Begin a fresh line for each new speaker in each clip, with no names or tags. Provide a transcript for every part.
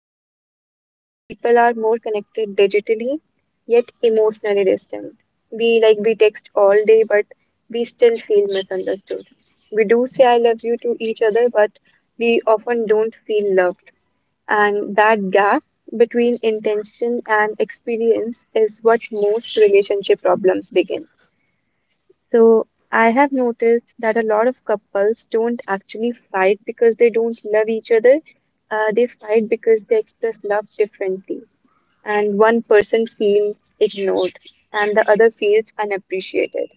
ever because people are more connected digitally, yet emotionally distant. We text all day, but we still feel misunderstood. We do say I love you to each other, but we often don't feel loved. And that gap between intention and experience is what most relationship problems begin. So I have noticed that a lot of couples don't actually fight because they don't love each other. They fight because they express love differently, and one person feels ignored and the other feels unappreciated.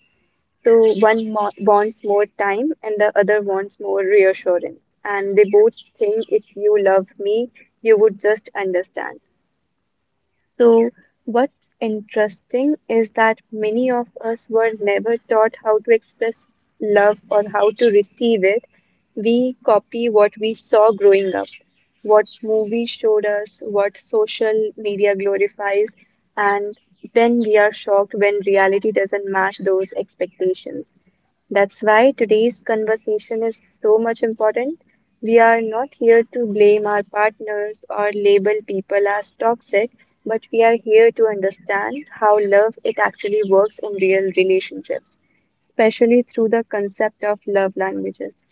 So one mo wants more time and the other wants more reassurance, and they both think if you love me, you would just understand. So, what's interesting is that many of us were never taught how to express love or how to receive it. We copy what we saw growing up, what movies showed us, what social media glorifies, and then we are shocked when reality doesn't match those expectations. That's why today's conversation is so much important. We are not here to blame our partners or label people as toxic, but we are here to understand how love it actually works in real relationships, especially through the concept of love languages.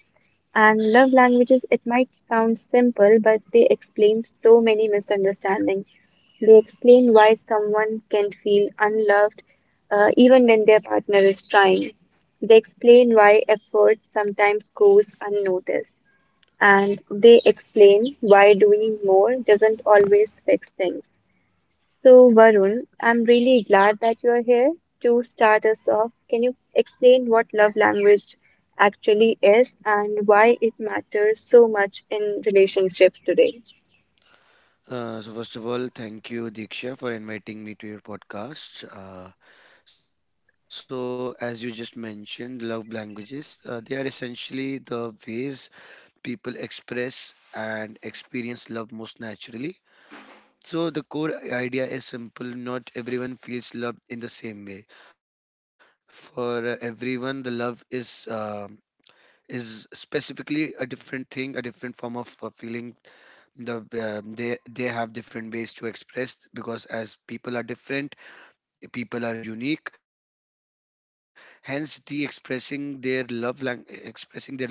And love languages, it might sound simple, but they explain so many misunderstandings. They explain why someone can feel unloved, even when their partner is trying. They explain why effort sometimes goes unnoticed, and they explain why doing more doesn't always fix things. So, Varun, I'm really glad that you're here. To start us off, can you explain what love language actually is and why it matters so much in relationships today?
So first of all, thank you Diksha for inviting me to your podcast. So as you just mentioned, love languages, they are essentially the ways people express and experience love most naturally. So the core idea is simple: not everyone feels loved in the same way. For everyone, the love is specifically a different thing, a different form of feeling. They have different ways to express, because as people are different, people are unique, hence the expressing their love lang- expressing their love,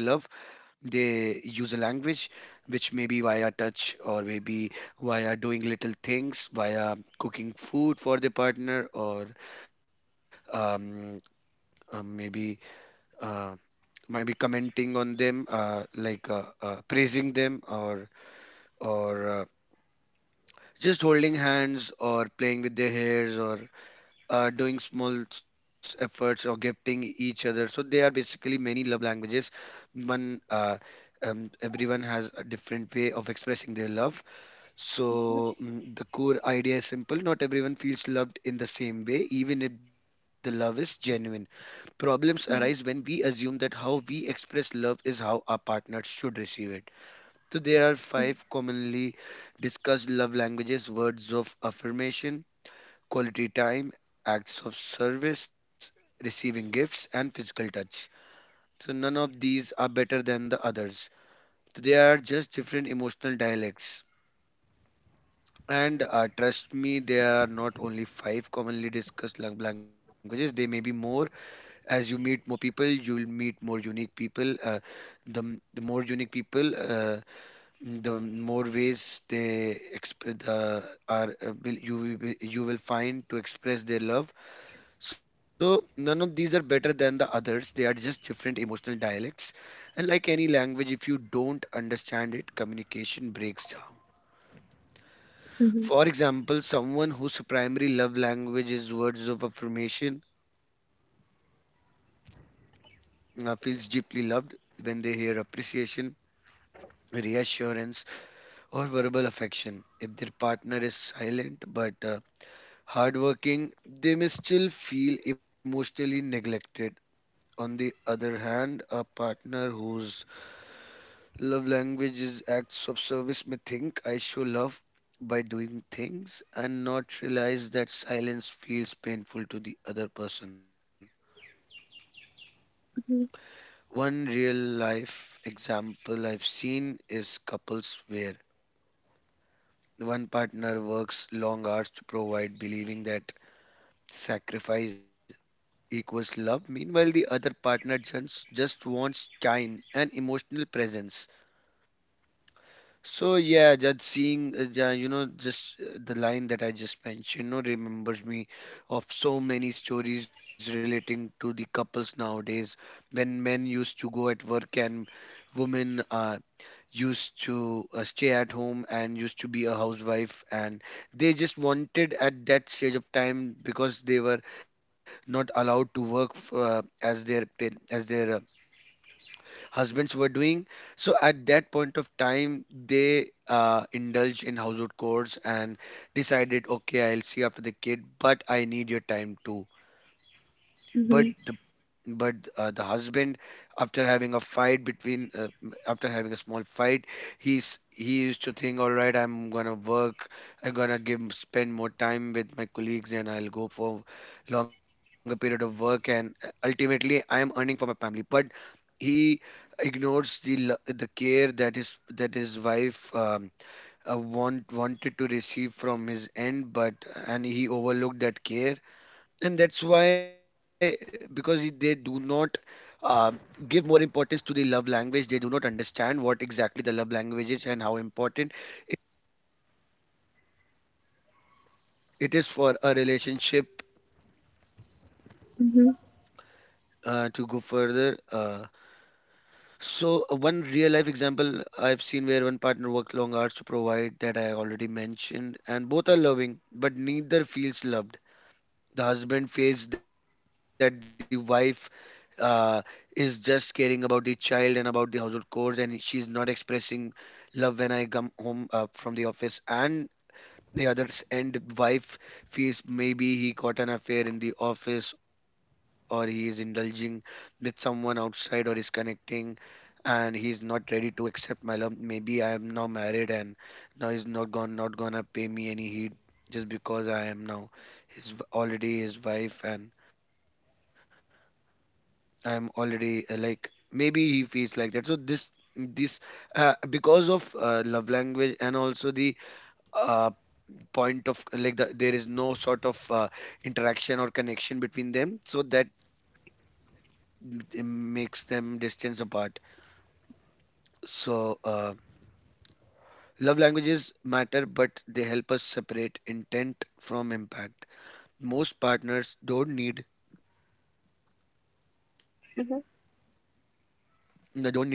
they use a language which may be via touch, or maybe via doing little things, via cooking food for the partner, or um, maybe uh, might be commenting on them, praising them, or just holding hands or playing with their hairs, or doing small efforts, or gifting each other. So there are basically many love languages. One Everyone has a different way of expressing their love. So, the core idea is simple: not everyone feels loved in the same way, even if the love is genuine. Problems arise when
Yeah.
we assume that how we express love is how our partner should receive it. So there are
Hmm.
five commonly discussed love languages: words of affirmation, quality time, acts of service, receiving gifts, and physical touch. So none of these are better than the others. So they are just different emotional dialects. And trust me, there are not only five commonly discussed languages, they may be more. As you meet more people, you'll meet more unique people. The more unique people, the more ways they express are will, you will find to express their love. So none of these are better than the others, they are just different emotional dialects. And like any language, if you don't understand it, communication breaks down.
Mm-hmm.
For example, someone whose primary love language is words of affirmation feels deeply loved when they hear appreciation, reassurance, or verbal affection. If their partner is silent but hardworking, they may still feel emotionally neglected. On the other hand, a partner whose love language is acts of service may think, "I show love by doing things," and not realize that silence feels painful to the other person.
Hmm.
One real life example I've seen is couples where one partner works long hours to provide, believing that sacrifice equals love. Meanwhile, the other partner just wants time and emotional presence. So yeah, just seeing, yeah, you know, just the line that I just mentioned, you know, remembers me of so many stories relating to the couples nowadays, when men used to go at work and women are used to stay at home and used to be a housewife. And they just wanted at that stage of time, because they were not allowed to work as as their husbands were doing. So at that point of time, they indulged in household chores and decided, "Okay, I'll see after the kid, but I need your time too." But the husband, after having a fight between after having a small fight, he used to think, "All right, I'm gonna work, I'm gonna give spend more time with my colleagues, and I'll go for longer period of work, and ultimately I am earning for my family." But he ignores the care that his wife wanted to receive from his end, but and he overlooked that care. And that's why, because they do not um, give more importance to the love language, they do not understand what exactly the love language is and how important it is for a relationship.
Hmm.
To go further so One real life example I've seen where one partner worked long hours to provide, that I already mentioned, and both are loving but neither feels loved. The husband feels that the wife uh, is just caring about the child and about the household chores, and she's not expressing love when I come home from the office. And the other's end, wife feels, maybe he got an affair in the office, or he is indulging with someone outside, or is connecting, and he's not ready to accept my love. Maybe I am now married, and now he's not gonna pay me any heed just because I am now already his wife, and I am already, like, maybe he feels like that. So this because of love language, and also the uh, point of, like, there is no sort of interaction or connection between them, so that it makes them distance apart. So love languages matter, but they help us separate intent from impact. Most partners don't
Mm-hmm. Mm-hmm.
need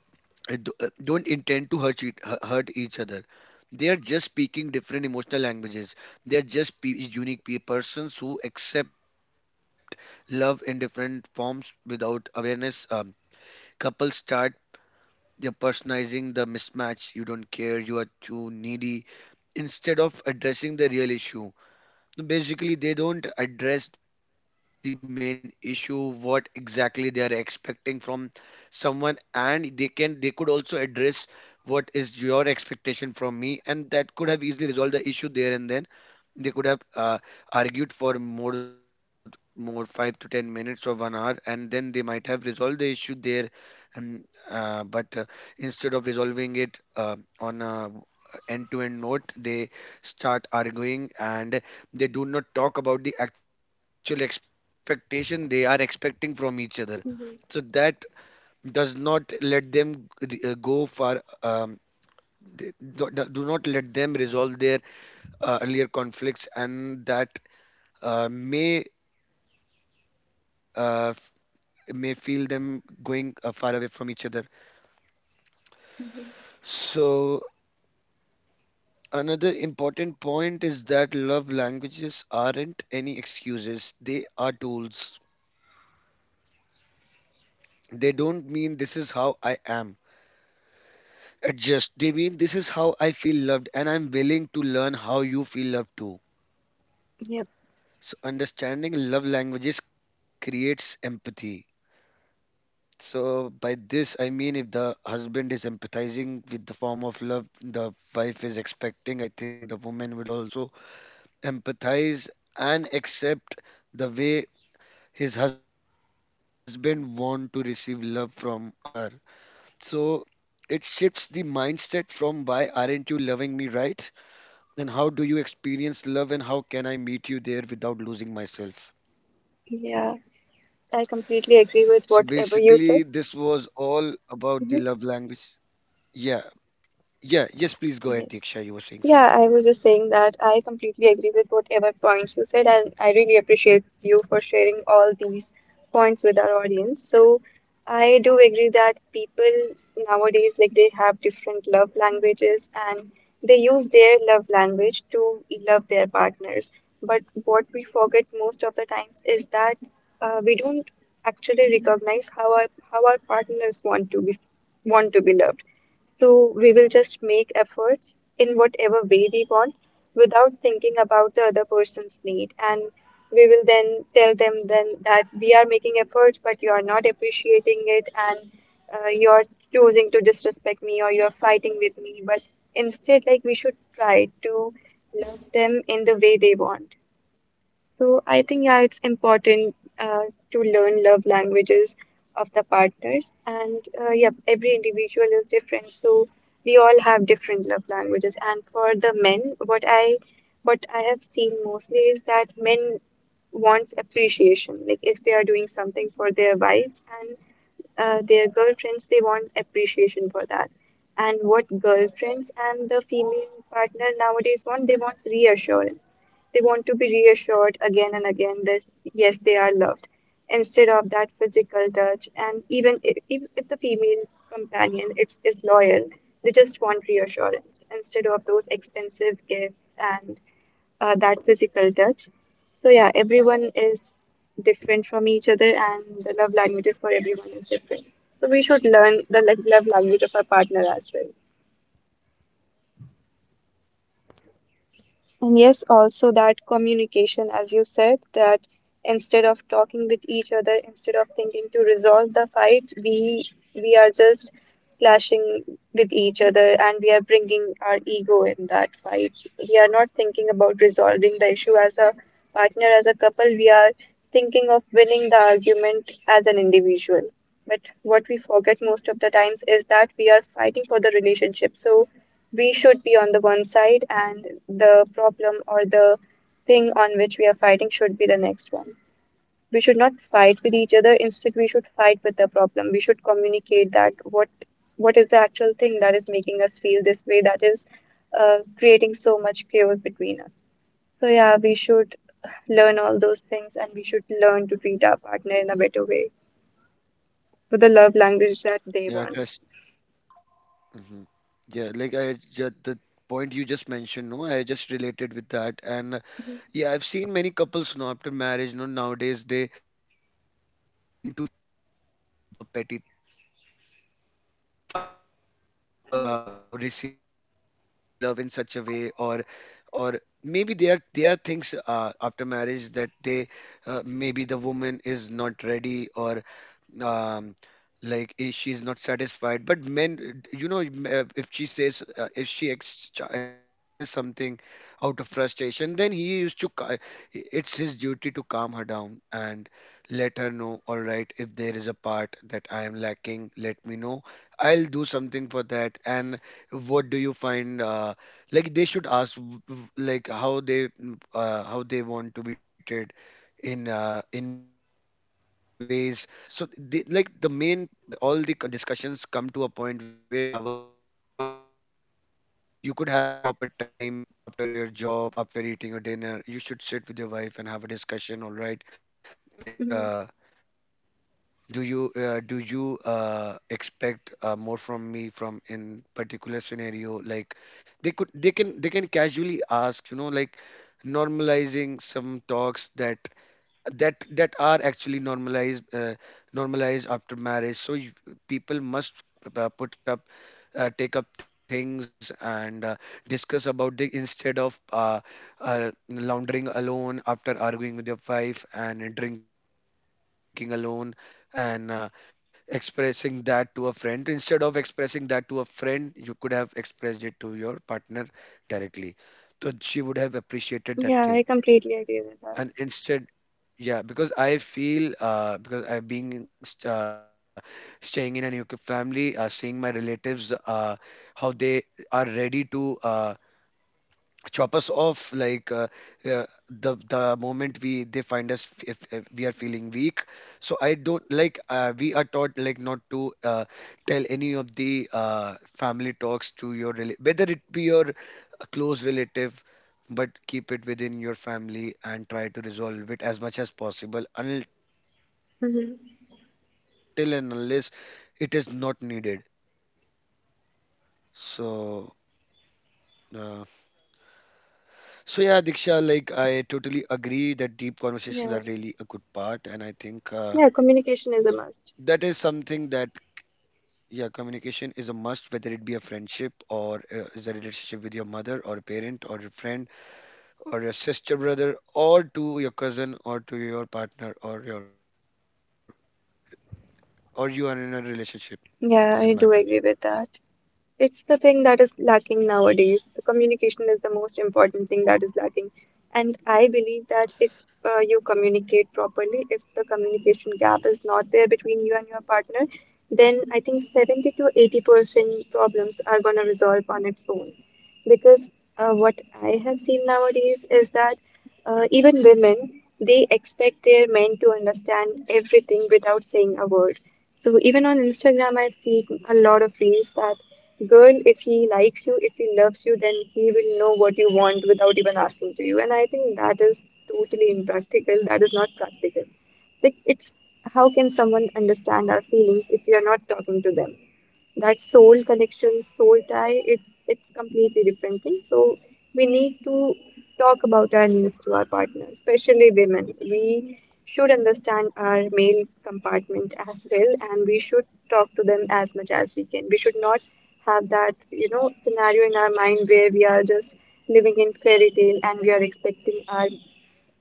do- don't intend to hurt each other. They are just speaking different emotional languages. They are just unique persons who accept love in different forms without awareness. Couples start they're personalizing the mismatch. "You don't care." "You are too needy." Instead of addressing the real issue, no. Basically, they don't address the main issue, what exactly they are expecting from someone, and they could also address, "What is your expectation from me?" and that could have easily resolved the issue there and then. They could have argued for more 5 to 10 minutes or 1 hour, and then they might have resolved the issue there. And but instead of resolving it on a end to end note, they start arguing, and they do not talk about the actual expectation they are expecting from each other. So that does not let them re- go for th- do do not let them resolve their earlier conflicts, and that uh, may uh, f- may feel them going far away from each other.
Hmm.
So another important point is that love languages aren't any excuses. They are tools. They don't mean, "This is how I am. Adjust." They mean, "This is how I feel loved, and I'm willing to learn how you feel loved too."
Yep.
So understanding love languages creates empathy. So by this I mean, if the husband is empathizing with the form of love the wife is expecting, I think the woman will also empathize and accept the way his husband want to receive love from her. So it shifts the mindset from, "Why aren't you loving me right?" and, "How do you experience love, and how can I meet you there without losing myself?"
Yeah, I completely agree with
So
whatever you
basically
said.
this was all about the love language. Yeah. Yeah, yes, please
Mm-hmm.
go ahead, Diksha. You were saying
Yeah, I was
something.
just saying that I completely agree with whatever points you said, and I really appreciate you for sharing all these points with our audience. So, I do agree that people nowadays, like, they have different love languages and they use their love language to love their partners. But what we forget most of the times is that, we don't actually recognize how our partners want to be loved, so we will just make efforts in whatever way we want without thinking about the other person's need. And we will then tell them then that we are making efforts, but you are not appreciating it, and you're choosing to disrespect me or you're fighting with me. But instead, like, we should try to love them in the way they want. So I think, yeah, it's important, to learn love languages of the partners, and yeah, every individual is different, so we all have different love languages. And for the men, what I have seen mostly is that men wants appreciation, like if they are doing something for their wives, and their girlfriends, they want appreciation for that. And what girlfriends and the female partner nowadays want, they want reassurance. They want to be reassured again and again that yes, they are loved, instead of that physical touch. And even if the female companion is loyal, they just want reassurance instead of those expensive gifts and that physical touch. So yeah, everyone is different from each other, and the love languages for everyone is different. So we should learn the love language of our partner as well. And yes, also that communication, as you said, that instead of talking with each other, instead of thinking to resolve the fight, we are just clashing with each other and we are bringing our ego in that fight. We are not thinking about resolving the issue as a partner, as a couple. We are thinking of winning the argument as an individual. But what we forget most of the times is that we are fighting for the relationship. So we should be on the one side, and the problem or the thing on which we are fighting should be the next one. We should not fight with each other. Instead, we should fight with the problem. We should communicate that what is the actual thing that is making us feel this way, that is creating so much chaos between us. So yeah, we should learn all those things, and we should learn to treat our partner in a better way with the love language
Yeah,
that they
just
want.
hmm yeah, like the point you just mentioned. No, I just related with that, and
Mhm.
yeah, I've seen many couples now after marriage. No, nowadays they tend to fight because of petty things. Because five wants to
I-
receive love in such a way, or or maybe there are things after marriage that they maybe the woman is not ready, or um she's not satisfied. But men, you know, if she says, if she expresses something out of frustration, then he used to ca- it's his duty to calm her down and let her know, "All right, if there is a part that I am lacking, let me know, I'll do something for that." And what do you find, like, they should ask like how they how they want to be treated in ways. So, so the, like the main, all the discussions come to a point where they need to have a proper discussion. You could have a proper time after your job, after eating your dinner. You should sit with your wife and have a discussion, all right? Like,
mhm.
do you expect more from me from in particular scenario? Like, they could they can casually ask, you know, like normalizing some talks that that are actually normalized normalized after marriage so you, people must put up take up things and discuss about it instead of laundering alone after arguing with your wife and drinking alone and expressing that to a friend. Instead of expressing that to a friend, you could have expressed it to your partner directly so she would have appreciated
Yeah,
that
I
thing.
completely agree with that.
And instead, yeah, because I feel because I staying in a nuclear family, seeing my relatives, how they are ready to chop us off like uh, the moment we they find us if we are feeling weak. So I don't like we are taught like not to tell any of the family talks to your whether it be your close relative, but keep it within your family and try to resolve it as much as
Mhm.
possible until and unless it is not needed. So uh, so yeah, Diksha, like I totally agree that deep
Yeah.
conversations are really a good part, and I think
Yeah, communication is a must.
that is something that, yeah, communication is a must, whether it be a friendship or is a relationship with your mother or a parent or a friend or your sister, brother, or to your cousin or to your partner or your or you are in a relationship.
Yeah, I do
Doesn't
agree
matter.
with that. It's the thing that is lacking nowadays. The communication is the most important thing that is lacking. And I believe that if, you communicate properly, if the communication gap is not there between you and your partner, then I think 70 to 80% problems are going to resolve on its own. Because, what I have seen nowadays is that, even women, they expect their men to understand everything without saying a word. So even on Instagram, I've seen a lot of reels that girl, if he likes you, if he loves you, then he will know what you want without even asking to you. And I think that is totally impractical. That is not practical. Like, it's how can someone understand our feelings if we are not talking to them? That soul connection, soul tie, it's completely different thing. So we need to talk about our needs to our partner, especially women. We should understand our male compartment as well, and we should talk to them as much as we can. We should not have that scenario in our mind where we are just living in fairy tale and we are expecting our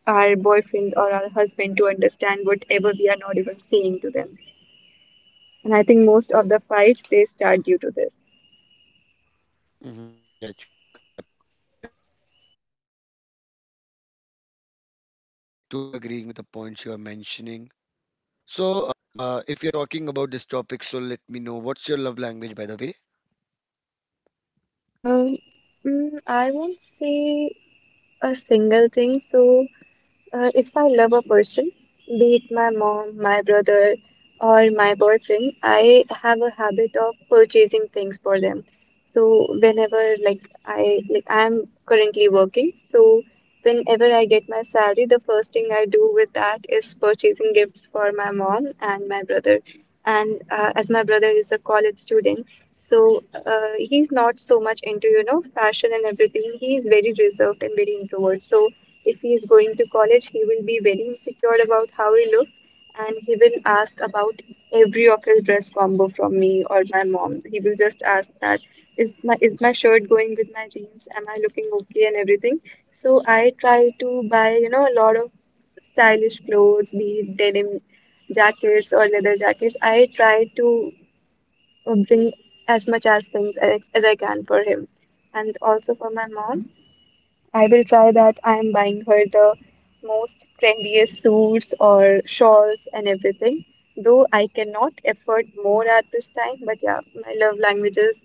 our boyfriend or our husband to understand whatever we are not even saying to them. And I think most of the fights they start due to this.
Hmm, yeah, you're absolutely correct. I'm like totally agreeing with the points you are mentioning. So, if you're talking about this topic, so let me know what's your love language, by the way.
Um, I won't say a single thing. So, if I love a person, be it my mom, my brother, or my boyfriend, I have a habit of purchasing things for them. So whenever, I'm currently working, so whenever I get my salary, the first thing I do with that is purchasing gifts for my mom and my brother. And, as my brother is a college student, so, he's not so much into fashion and everything. He is very reserved and very introvert. So if he is going to college, he will be very insecure about how he looks, and he will ask about every of his dress combo from me or my mom. He will just ask that is my shirt going with my jeans? Am I looking okay and everything? So I try to buy, a lot of stylish clothes, be it denim jackets or leather jackets. I try to, bring as much as things as I can for him, and also for my mom. I will try that. I am buying her the most trendiest suits or shawls and everything. Though I cannot afford more at this time, but yeah, my love language is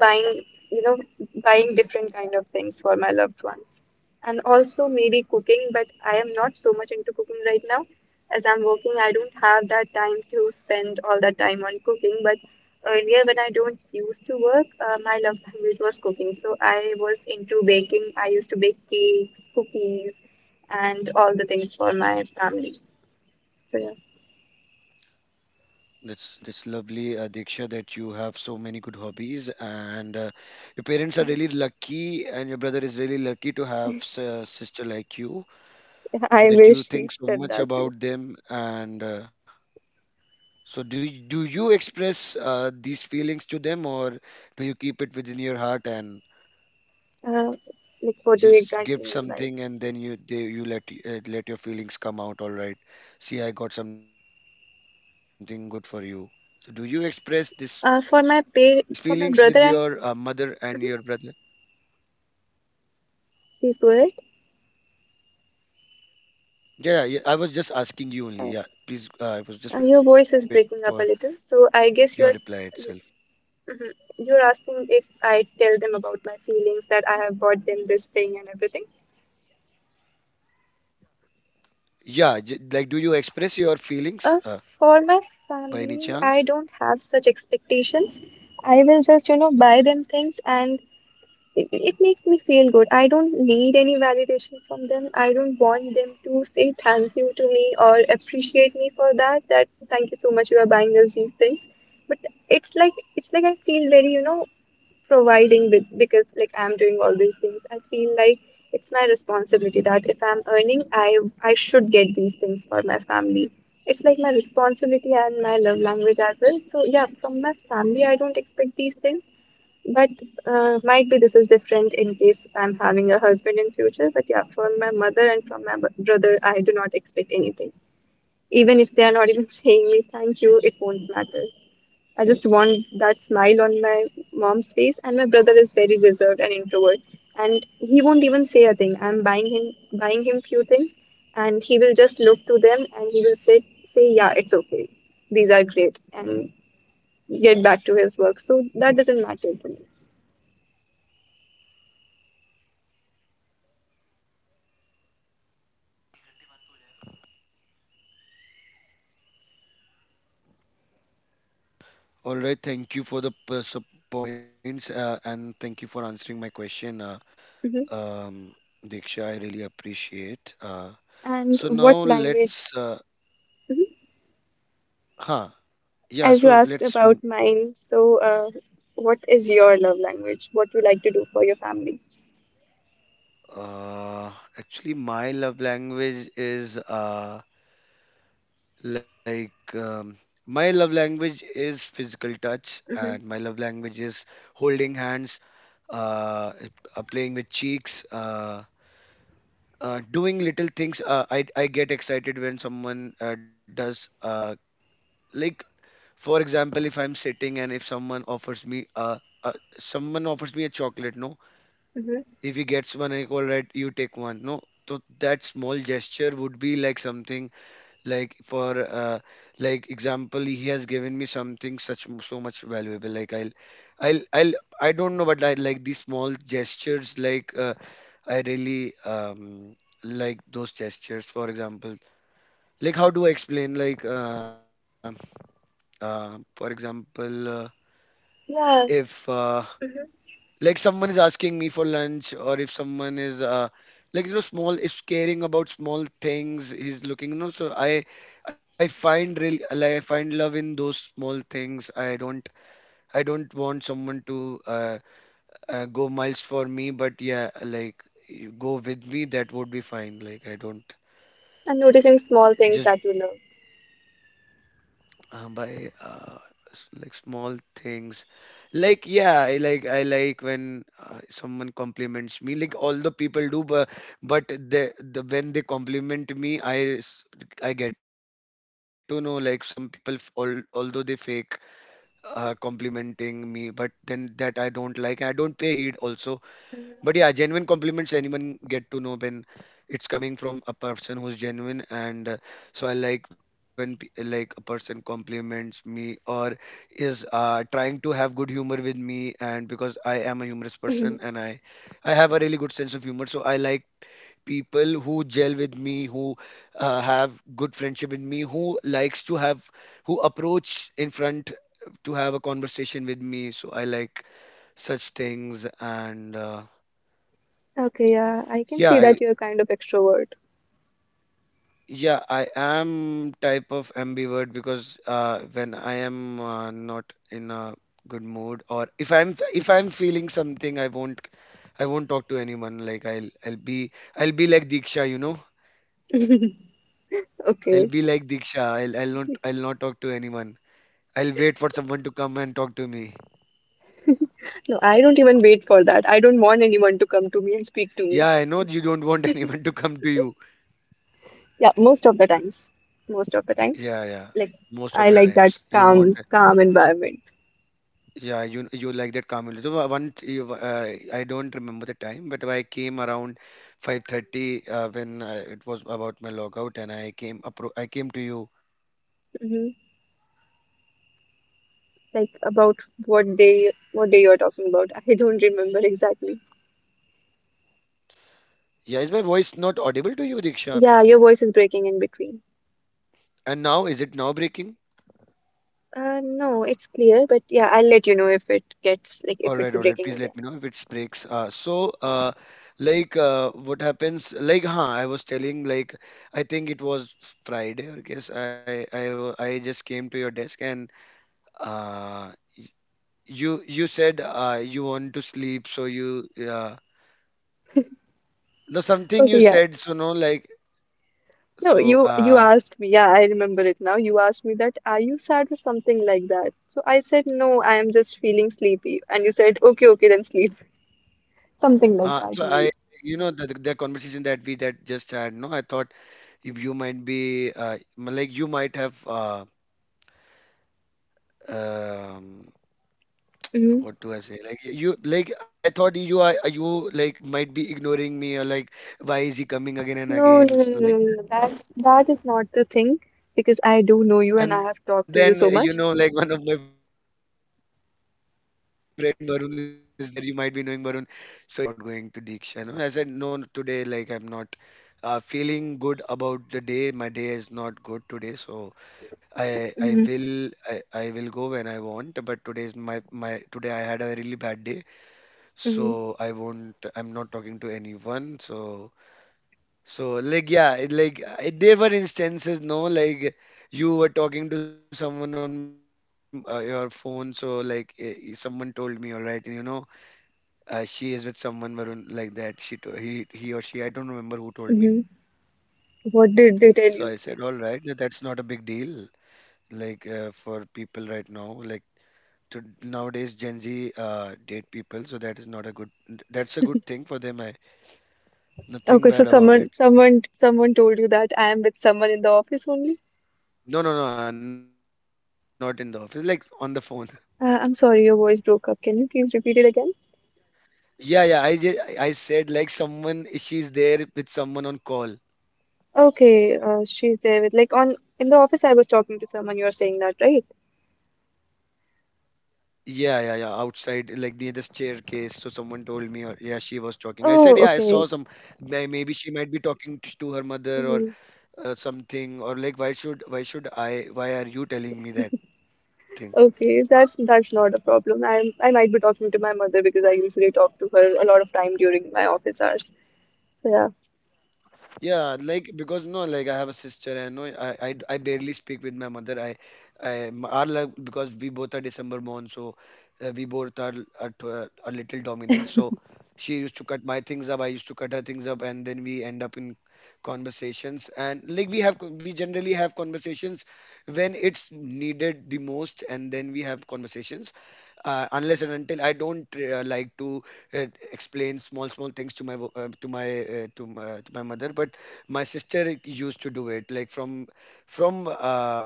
buying, you know, buying different kind of things for my loved ones. And also maybe cooking, but I am not so much into cooking right now. As I'm working, I don't have that time to spend all that time on cooking, but earlier when I don't used to work, my love language was cooking. So I was into baking. I used to bake cakes, cookies, and all the things for my family. So yeah,
That's lovely, Diksha, that you have so many good hobbies, and your parents are really lucky, and your brother is really lucky to have a sister like you,
I wish
that
he
you think
said
so
that
much
too.
about them. And so, do do you express these feelings to them, or do you keep it within your heart and
Uh, like, what do you
just
exactly
give
mean by?
something and then you let let your feelings come out, all right? See, I got something good for you. So do you express this, these feelings with your mother and
For
your
my
brother?
brother and Mhm. please go ahead.
Yeah, yeah, yeah. I was just asking you only. Yeah, please, I
Uh,
was just waiting for
your
your
voice
reply
is
itself.
breaking up a little, so I guess you're s- you, mhm. you're asking if I tell them about my feelings that I have bought them this thing and everything.
Yeah, like do you express your feelings
Uh,
by any
for my
chance?
family, I don't have such expectations. I will just, buy them things, and it makes me feel good. I don't need any validation from them. I don't want them to say thank you to me or appreciate me for that, that thank you so much you are buying us these things. But it's like I feel very, providing with because like I'm doing all these things. I feel like it's my responsibility that if I'm earning, I should get these things for my family. It's like my responsibility and my love language as well. So yeah, from my family I don't expect these things. But might be this is different in case I'm having a husband in future. But yeah, from my mother and from my brother I do not expect anything. Even if they are not even saying me thank you, it won't matter. I just want that smile on my mom's face. And my brother is very reserved and introvert, and he won't even say a thing. I'm buying him few things, and he will just look to them, and he will say, yeah, it's okay. These are great, and get back to his work. So that doesn't matter to me.
All right, thank you for the points, and thank you for answering my question.
Hmm.
Um, Diksha, I really appreciate
And
so now
what
let's,
language? Mhm.
huh, yeah,
As you
so
asked
let's,
about mine, so uh, what is your love language? What you like to do for your family?
uh, actually, my love language is, like, um, my love language is physical touch,
Mm-hmm.
and my love language is holding hands, uh, playing with cheeks, doing little things. I get excited when someone does, like, for example, if I'm sitting and if someone offers me, uh, someone offers me a chocolate, no?
Mm-hmm.
If he gets one, equal right, you take one, no? So that small gesture would be like something like for like example, he has given me something such so much valuable, like I'll I don't know, but I like these small gestures, like, I really, um, like those gestures, for example, like how do I explain, like for example,
Yeah.
if like someone is asking me for lunch or if someone is like, you know, small is caring about small things, he's looking, you know, so I find real, like I find love in those small things. I don't want someone to go miles for me, but yeah, like you go with me, that would be fine. Like, I don't
And noticing small things
just
that you love.
uh, by uh, like small things, like, yeah, I like, I like when someone compliments me, like all the people do, but the when they compliment me, s- I get to know, like some people although they fake complimenting me, but then that I don't like, I don't pay heed also. But yeah,
Mhm.
genuine compliments, anyone get to know when it's coming from a person who's genuine, and so I like when like a person compliments me or is trying to have good humor with me. And because I am a humorous person and I have a really good sense of humor, so I like people who gel with me, who have good friendship with me, who likes to have, who approach in front to have a conversation with me. So I like such things, and
Okay, yeah, I can
yeah,
see that you're kind of extrovert.
yeah, I am type of ambivert, because when I am not in a good mood, or if I'm feeling something, I won't, I won't talk to anyone. Like I'll be, I'll be like Diksha, you know. I'll
Okay.
be like Diksha. I'll not, I'll not talk to anyone. I'll wait for someone to come and talk to me.
No, I don't even wait for that. I don't want anyone to come to me and speak to me.
Yeah, I know you don't want anyone to come to you.
Yeah, most of the times. Most of the
Yeah,
times.
yeah.
Like
Most of the
I
times
like
you
that
want,
calm, calm environment.
yeah, you like that Kamil. So one, I don't remember the time, but I came around 5:30 when it was about my logout, and I came appro I came to you.
Hmm. Like about what day you're talking about? I don't remember exactly.
Yeah, is my voice not audible to you, Diksha?
Yeah, your voice is breaking in between.
And now is it now breaking?
No, it's clear, but yeah, I'll let you know if it gets like
All
if
right, all
it's
right. Please
breaking
let me
again.
know if it breaks. So like what happens? Like, huh? I was telling, like, I think it was Friday, I guess. I just came to your desk and uh. you you said you want to sleep, so you no, something
Okay,
you
yeah.
said, so no, like,
No,
so
you
uh,
asked me. Yeah, I remember it now. You asked me that, are you sad or something like that? So I said, no, I am just feeling sleepy. And you said, okay, okay, then sleep. Something
uh
like
so
that,
i
maybe.
you know the conversation that we that just had, no, I thought if you might be like you might have um
Hmm.
what do I say, like, you, like I thought you are, you like might be ignoring me, or like why is he coming again and
No,
again,
no, no, no,
like.
no, no, no. That is not the thing, because I
And
do know
then,
you and
you
I
know,
have
like
talked
one
to
of
you
my
so
friend
much.
Varun is there, you might be knowing Varun. So he came to me and he said, "What happened? You are, why you are not going to Diksha?" And I said, "No, no, today, like, I'm not feeling good about the day. My day is not good today, so
Hmm.
I will go when I want. But today is my my, today I had a really bad day,
Hmm.
so I won't. I'm not talking to anyone. So so, like, yeah, it, like I, there were instances, no, like you were talking to someone on your phone. So like, someone told me, all right, you know." She is with someone, Varun, like that. She to, he or she, I don't remember who
Hmm.
told me.
What did they tell you?
So I said, all right, that's not a big deal. Like, for people right now, like, to, nowadays Gen Z date people, so that is not a good. That's a good thing for them. I,
Okay, so someone
nothing
someone
bad about it.
someone told you that I am with someone in the office only.
No, no, no, I'm not in the office. Like, on the phone.
I'm sorry, your voice broke up. Can you please repeat it again?
Yeah, yeah. I just, I said, like, someone, she's there with someone on call.
Okay, she's there with like on in the office. I was talking to someone, you're saying that, right?
Yeah, yeah, yeah. Outside, like near the staircase. So someone told me, or yeah, she was talking. I said, yeah,
Oh,
I saw
okay.
some. May- maybe she might be talking to her mother
Hmm.
or something. Or like, why should I? Why are you telling me that thing?
Okay, that's not a problem. I'm I might be talking to my mother because I usually talk to her a lot of time during my office hours. So yeah.
Yeah, like, because no, like, I have a sister, and no, I barely speak with my mother. Our, like, because we both are December born, so we both are, are little dominant. So she used to cut my things up, I used to cut her things up, and then we end up in conversations. And like we have we generally have conversations when it's needed the most, and then we have conversations unless and until I don't like to uh, explain small small things to my to my to my mother. But my sister used to do it like from from uh,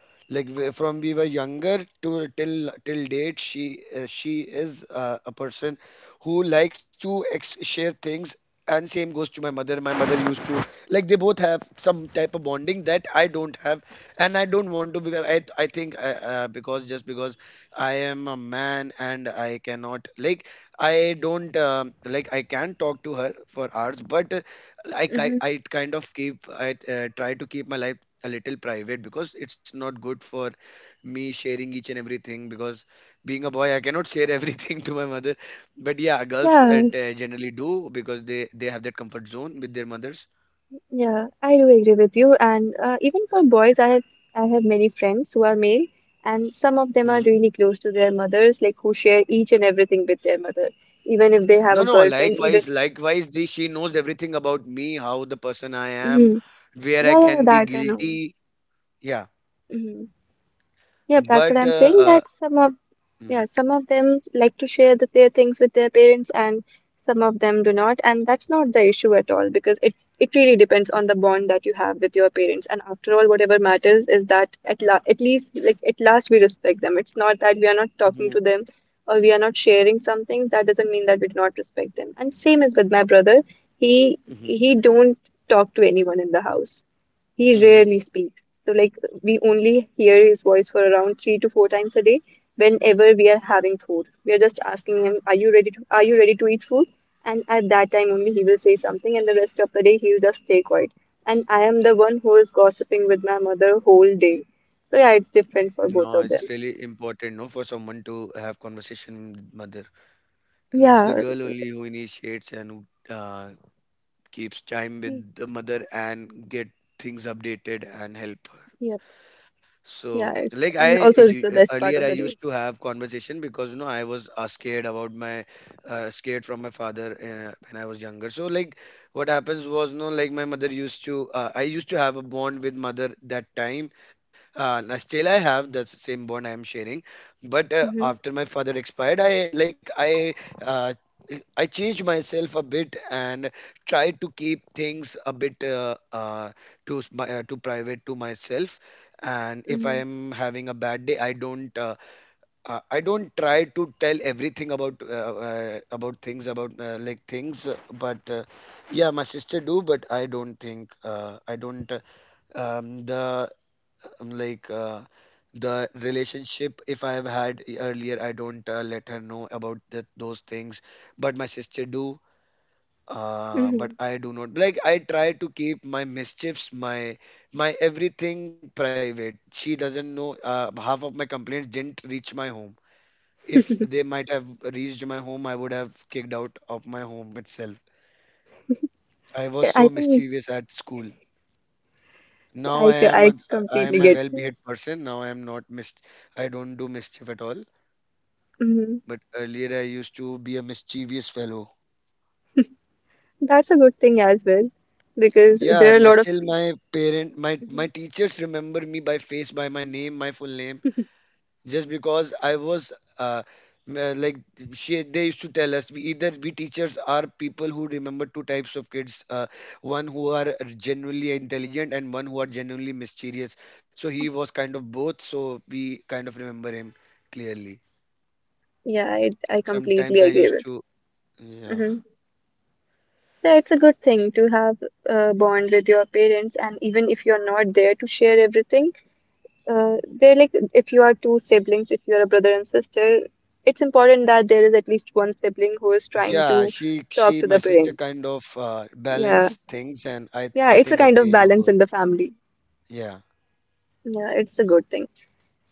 like from we were younger to till till date, she is a person who likes to share things. And same goes to my mother. My mother used to, like they both have some type of bonding that I don't have, and I don't want to be. I think because just because I am a man, and I cannot like, I don't, like I can talk to her for hours, but like,
Hmm.
I kind of keep I try to keep my life a little private, because it's not good for me sharing each and everything, because being a boy, I cannot share everything to my mother. But yeah, girls
Yeah,
generally do, because they have that comfort zone with their mothers.
yeah, I do agree with you. And even for boys, I have many friends who are male, and some of them are
Hmm.
really close to their mothers, like who share each and everything with their mother, even if they
No,
have a
no,
girlfriend,
likewise,
even.
she knows everything about me, how the person I am,
Mhm.
where I
Yeah,
can
yeah,
be
that I know.
guilty. Yeah.
Mhm. Yep,
but
that's what I'm saying. That some of
mhm,
yeah, some of them like to share their things with their parents, and some of them do not. And that's not the issue at all because it really depends on the bond that you have with your parents. And after all, whatever matters is that at least like at last we respect them. It's not that we are not
mhm,
talking to them or we are not sharing something. That doesn't mean that we do not respect them. And same as with my brother,
mhm,
he don't talk to anyone in the house. He
mhm.
rarely speaks. So like we only hear his voice for around three to four times a day whenever we are having food. We are just asking him, "Are you ready to eat food?" And at that time only he will say something, and the rest of the day he will just stay quiet. And I am the one who is gossiping with my mother whole day. So yeah, it's different for
No,
both of
it's
them.
really important, no, for someone to have conversation with mother. And it's the
Yeah.
girl only who initiates and who keeps time
Mm.
with the mother and get things updated and help her.
Yep.
So,
Yeah, it's
like
and also it's the best
earlier,
part
I
of the day.
used to have conversation because I was scared from my father when I was younger. So, like what happens was no, like my mother used to I used to have a bond with mother that time. Now still I have that same bond I am sharing, but
Mm-hmm.
after my father expired, I like I. Uh, I changed myself a bit and tried to keep things a bit to private to myself, and if I
Mm-hmm.
am having a bad day, I don't try to tell everything about things about like things but yeah, my sister do, but I don't think I don't the like the relationship if I have had earlier, I don't let her know about that, those things, but my sister do.
Mm-hmm.
But I do not, like, I try to keep my mischiefs, my everything private. She doesn't know half of my complaints didn't reach my home. If they might have reached my home, I would have kicked out of my home itself. I was
Yeah,
so
I think
mischievous at school. Now
I
I am
completely
a
get you.
well-behaved person. Now I am not mis I don't do mischief at all.
Hmm.
But earlier I used to be a mischievous fellow.
That's a good thing as well because
Yeah,
there are a
my
lot of
still my parent my
people.
my teachers remember me by face, by my name, my full name, just because I was m- like she they used to tell us, we teachers are people who remember two types of kids, one who are genuinely intelligent and one who are genuinely mischievous, so he was kind of both, so we kind of remember him clearly.
Yeah, I
Like,
completely
sometimes I
agree
used
with.
to Yeah,
Hmm. Yeah, it's a good thing to have a bond with your parents, and even if you're not there to share everything, they're like if you are two siblings, if you're a brother and sister, it's important that there is at least one sibling who is trying
yeah,
to
she
talk
she
to the
my sister
parents.
kind of
Yeah,
balanced things, and I
yeah,
I
it's a
think,
kind of
okay, you
balance
go.
in the family.
Yeah.
Yeah, it's a good thing.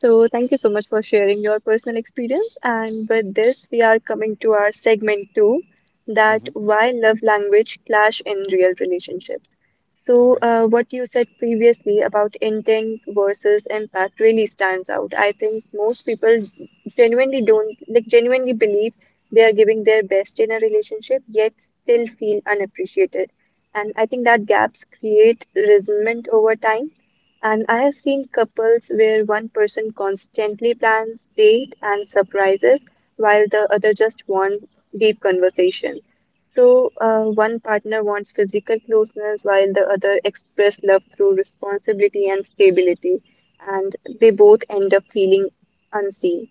So, thank you so much for sharing your personal experience. And with this, we are coming to our segment two, that
Mm-hmm.
why love language clash in real relationships.
All
So,
right.
what you said previously about intent versus impact really stands out. I think most people genuinely don't like genuinely believe they are giving their best in a relationship, yet still feel unappreciated. And I think that gaps create resentment over time, and I have seen couples where one person constantly plans date and surprises while the other just wants deep conversation. So, one partner wants physical closeness while the other express love through responsibility and stability, and they both end up feeling unseen.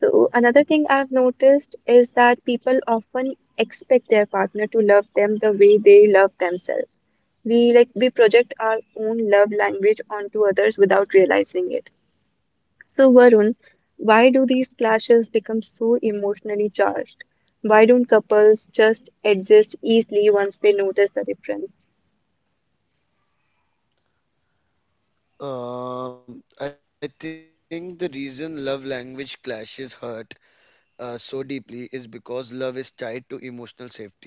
So, another thing I've noticed is that people often expect their partner to love them the way they love themselves. We like we project our own love language onto others without realizing it. So Varun, why do these clashes become so emotionally charged? Why don't couples just adjust easily once they notice the difference?
I think the reason love language clashes hurt so deeply is because love is tied to emotional safety.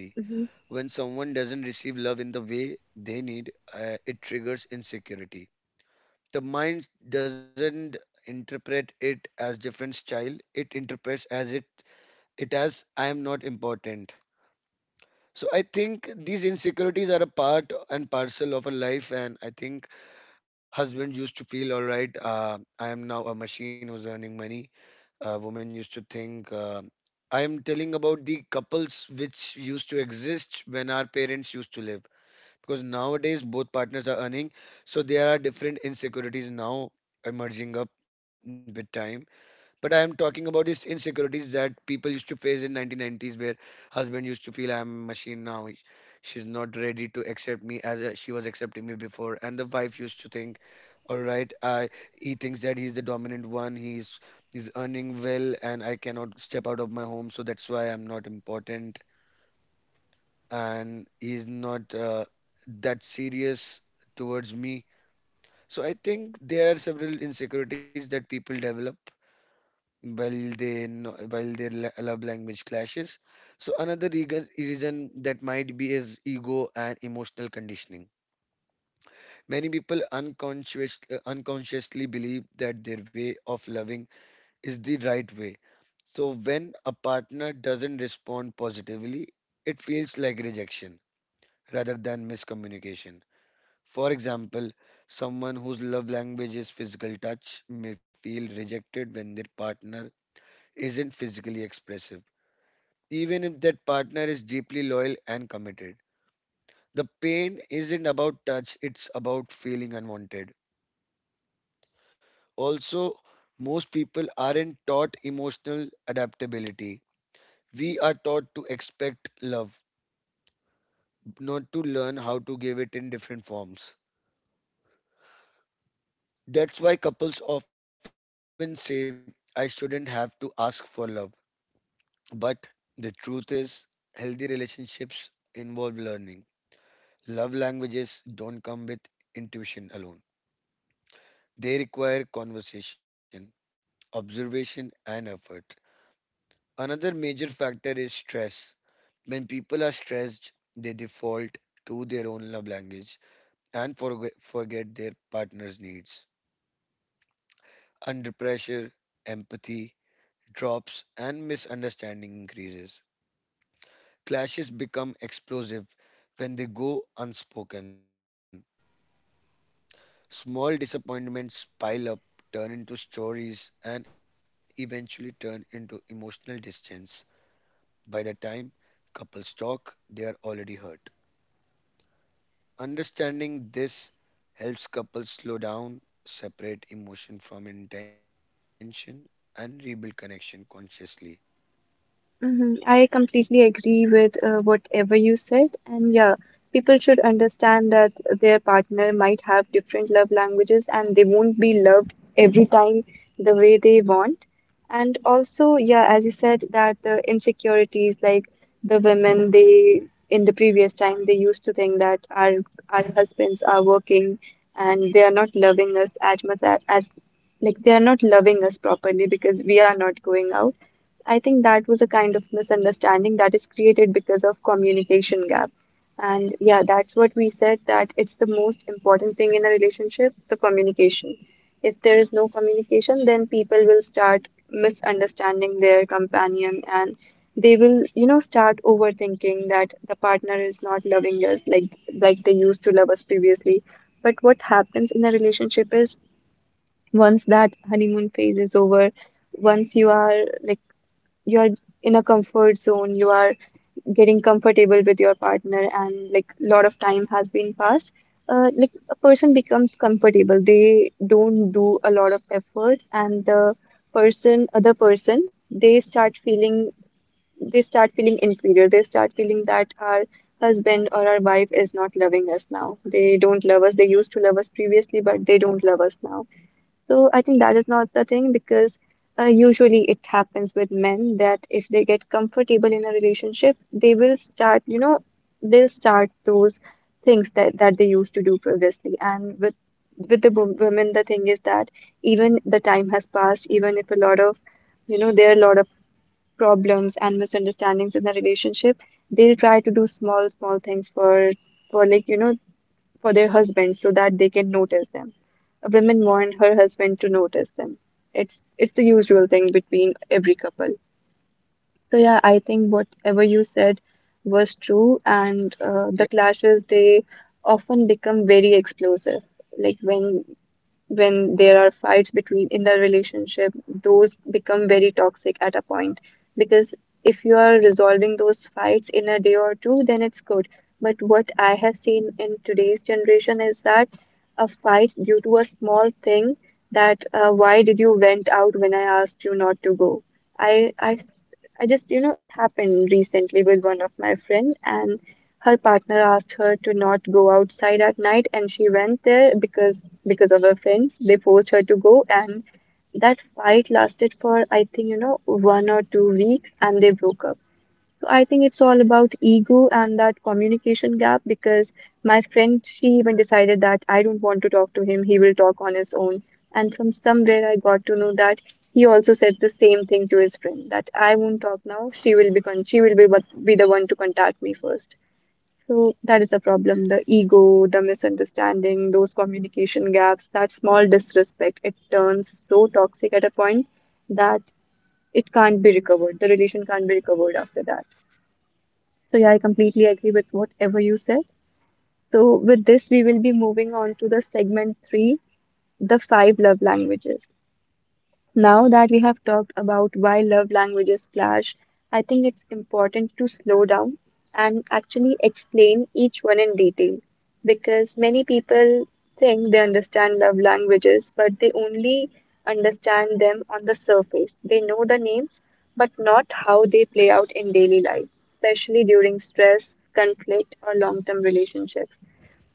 When someone doesn't receive love in the way they need, it triggers insecurity. The mind doesn't interpret it as different style. It interprets as it it as I am not important. So I think these insecurities are a part and parcel of a life, and I think husband used to feel all right. I am now a machine who's earning money. Women used to think. I am telling about the couples which used to exist when our parents used to live. Because nowadays both partners are earning, so there are different insecurities now emerging up with time. But I am talking about these insecurities that people used to face in 1990s, where husband used to feel I am a machine now. She's not ready to accept me as she was accepting me before, and the wife used to think, all right, I he thinks that he's the dominant one. He's earning well, and I cannot step out of my home, so that's why I'm not important, and he's not that serious towards me. So I think there are several insecurities that people develop while they no- while their love language clashes. So another reason that might be is ego and emotional conditioning. Many people unconsciously believe that their way of loving is the right way. So when a partner doesn't respond positively, it feels like rejection rather than miscommunication. For example, someone whose love language is physical touch may feel rejected when their partner isn't physically expressive, even if that partner is deeply loyal and committed. The pain isn't about touch, it's about feeling unwanted. Also, most people aren't taught emotional adaptability. We are taught to expect love, not to learn how to give it in different forms. That's why couples often say, I shouldn't have to ask for love. But the truth is, healthy relationships involve learning. Love languages don't come with intuition alone. They require conversation, observation, and effort. Another major factor is stress. When people are stressed, they default to their own love language and forget their partner's needs. Under pressure, empathy drops and misunderstanding increases. Clashes become explosive when they go unspoken. Small disappointments pile up, turn into stories, and eventually turn into emotional distance. By the time couples talk, they are already hurt. Understanding this helps couples slow down, separate emotion from intention, and rebuild connection consciously.
Mhm. I completely agree with whatever you said. And yeah, people should understand that their partner might have different love languages and they won't be loved every time the way they want. And also, yeah, as you said, that the insecurities like the women, they in the previous time they used to think that our husbands are working and they are not loving us as much as like they are not loving us properly because we are not going out. I think that was a kind of misunderstanding that is created because of communication gap. And yeah, that's what we said, that it's the most important thing in a relationship, the communication. If there is no communication, then people will start misunderstanding their companion and they will, you know, start overthinking that the partner is not loving us like they used to love us previously. But what happens in a relationship is once that honeymoon phase is over, once you are like you're in a comfort zone, you are getting comfortable with your partner, and like a lot of time has been passed. Like a person becomes comfortable, they don't do a lot of efforts, and the person, other person, they start feeling inferior. They start feeling that our husband or our wife is not loving us now. They don't love us. They used to love us previously, but they don't love us now. So I think that is not the thing because usually it happens with men that if they get comfortable in a relationship, they will start, you know, they'll start those things that they used to do previously. And with the women, the thing is that even the time has passed, even if a lot of, you know, there are a lot of problems and misunderstandings in the relationship, they'll try to do small, small things for like, you know, for their husband so that they can notice them. Women want her husband to notice them. It's the usual thing between every couple. So yeah, I think whatever you said was true,
Yeah,
and the clashes they often become very explosive. Like when there are fights between in the relationship, those become very toxic at a point. Because if you are resolving those fights in a day or two, then it's good. But what I have seen in today's generation is that a fight due to a small thing, that why did you went out when I asked you not to go? I, I, s- I just, you know, it happened recently with one of my friend, and her partner asked her to not go outside at night, and she went there because of her friends. They forced her to go, and that fight lasted for, I think, you know, 1 or 2 weeks, and they broke up. So I think it's all about ego and that communication gap because my friend, she even decided that I don't want to talk to him, he will talk on his own. And from somewhere, I got to know that he also said the same thing to his friend that I won't talk now, she will be con she will be, what- be the one to contact me first. So that is the problem, the ego, the misunderstanding, those communication gaps, that small disrespect, it turns so toxic at a point that it can't be recovered. The relation can't be recovered after that. So yeah, I completely agree with whatever you said. So with this, we will be moving on to the segment three, the five love languages. Now that we have talked about why love languages clash, I think it's important to slow down and actually explain each one in detail because many people think they understand love languages, but they only understand them on the surface. They know the names, but not how they play out in daily life, especially during stress, conflict, or long term relationships.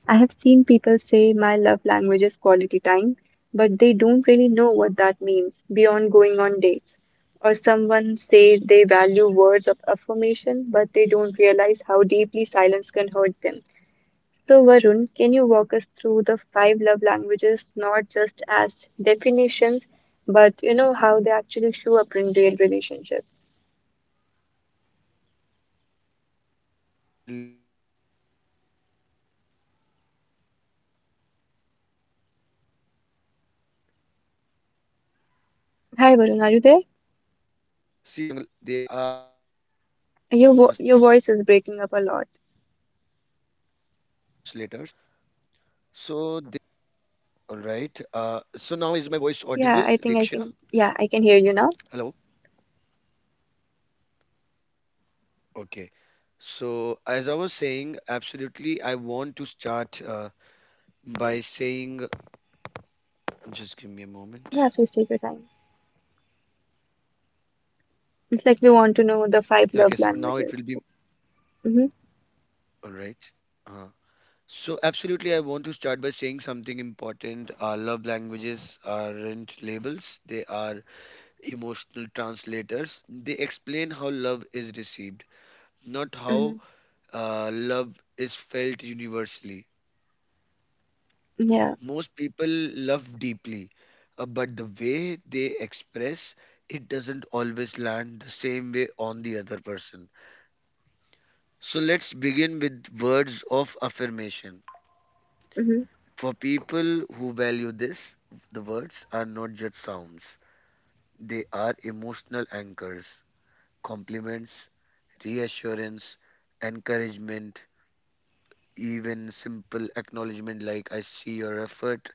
I have seen people say my love language is quality time, but they don't really know what that means beyond going on dates. Or someone say they value words of affirmation, but they don't realize how deeply silence can hurt them. So, Varun, can you walk us through the five love languages, not just as definitions, but how they actually show up in real relationships?
surely, Diksha, I'll surely let you know. Absolutely, I want to start by saying something important. See,
Hi,
love
Varun, are you there?
languages are not labels, they are emotional
Your vo
translators.
your voice is breaking up a lot.
So, they All right. So now is my voice audible, Diksha?
Yeah, I
Hello.
think I can. Yeah, I can hear you now.
Okay. So as I was saying, absolutely, I want to start by saying, just give me a moment.
Yeah, please take your time. It's like we want to know the
Yeah, I
five
guess
love
now it will be
languages. Mm-hmm.
all right. Uh, so absolutely, I want to start by saying something important. Our love languages aren't labels; they are emotional translators. They explain how love is received, not
Hmm.
how love is felt universally.
Yeah.
Most people love deeply, but the way they express it doesn't always land the same way on the other person. So let's begin with words of affirmation.
Mm-hmm.
For people who value this, the words are not just sounds, they are emotional anchors, compliments, reassurance, encouragement, even simple acknowledgement like I see your effort,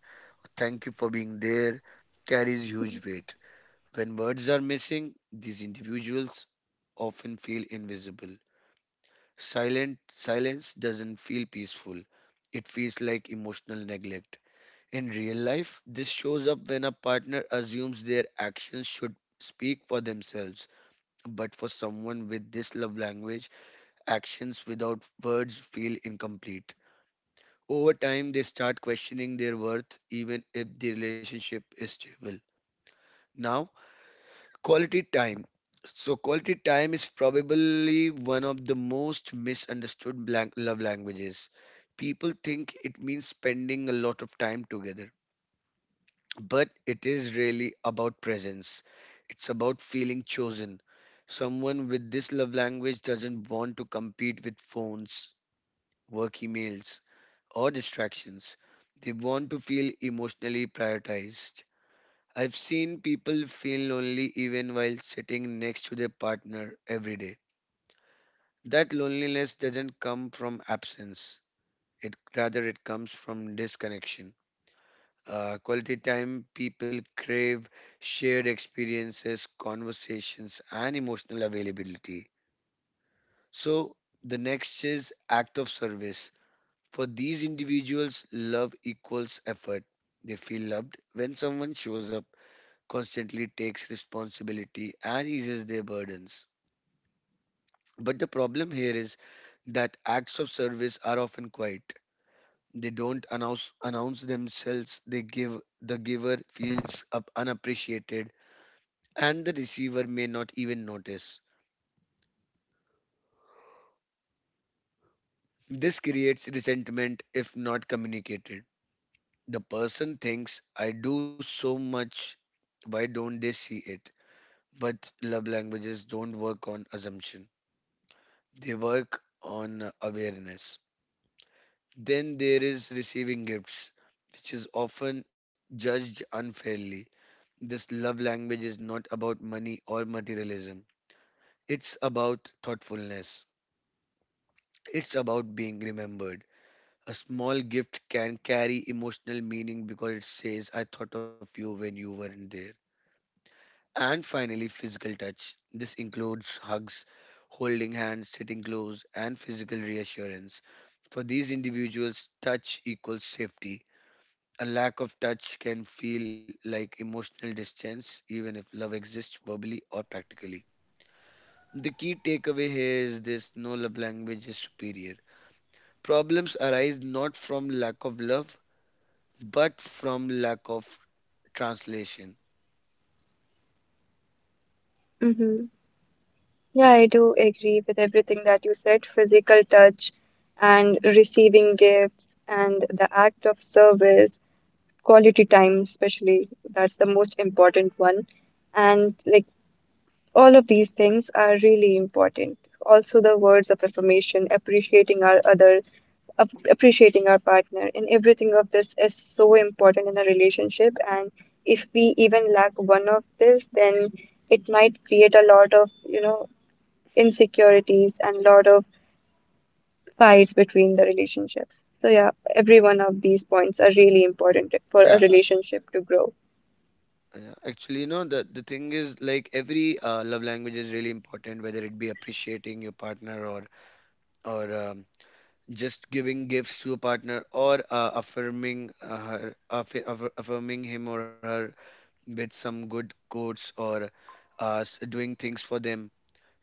thank you for being there, carries huge weight. When words are missing, these individuals often feel invisible. Silent silence doesn't feel peaceful. It feels like emotional neglect. In real life, this shows up when a partner assumes their actions should speak for themselves. But for someone with this love language, actions without words feel incomplete. Over time, they start questioning their worth even if the relationship is stable. Now, quality time. So, quality time is probably one of the most misunderstood blank love languages. People think it means spending a lot of time together, but it is really about presence. It's about feeling chosen. Someone with this love language doesn't want to compete with phones, work emails, or distractions. They want to feel emotionally prioritized. I've seen people feel lonely even while sitting next to their partner every day. That loneliness doesn't come from absence. It rather it comes from disconnection. Quality time people crave shared experiences, conversations, and emotional availability. So the next is act of service. For these individuals, love equals effort. They feel loved when someone shows up, constantly takes responsibility and eases their burdens. But the problem here is that acts of service are often quiet. They don't announce themselves. The giver feels up unappreciated, and the receiver may not even notice. This creates resentment if not communicated. The person thinks, "I do so much. Why don't they see it?" But love languages don't work on assumption. They work on awareness. Then there is receiving gifts, which is often judged unfairly. This love language is not about money or materialism, it's about thoughtfulness, it's about being remembered. A small gift can carry emotional meaning because it says, I thought of you when you weren't there. And finally, physical touch. This includes hugs, holding hands, sitting close, and physical reassurance. For these individuals, touch equals safety. A lack of touch can feel like emotional distance, even if love exists verbally or practically. The key takeaway here is this: no love language is superior. Problems arise not from lack of love, but from lack of translation.
Mm-hmm. Yeah, I do agree with everything that you said, physical touch and receiving gifts and the act of service, quality time, especially, that's the most important one. And like all of these things are really important. Also, the words of affirmation, appreciating our other appreciating our partner and everything of this is so important in a relationship, and if we even lack one of this, then it might create a lot of, insecurities and lot of fights between the relationships. So yeah, every one of these points are really important for a
Yeah,
relationship to grow.
yeah. Actually, the thing is like every love language is really important, whether it be appreciating your partner, or or just giving gifts to a partner, or affirming affirming him or her with some good quotes, or doing things for them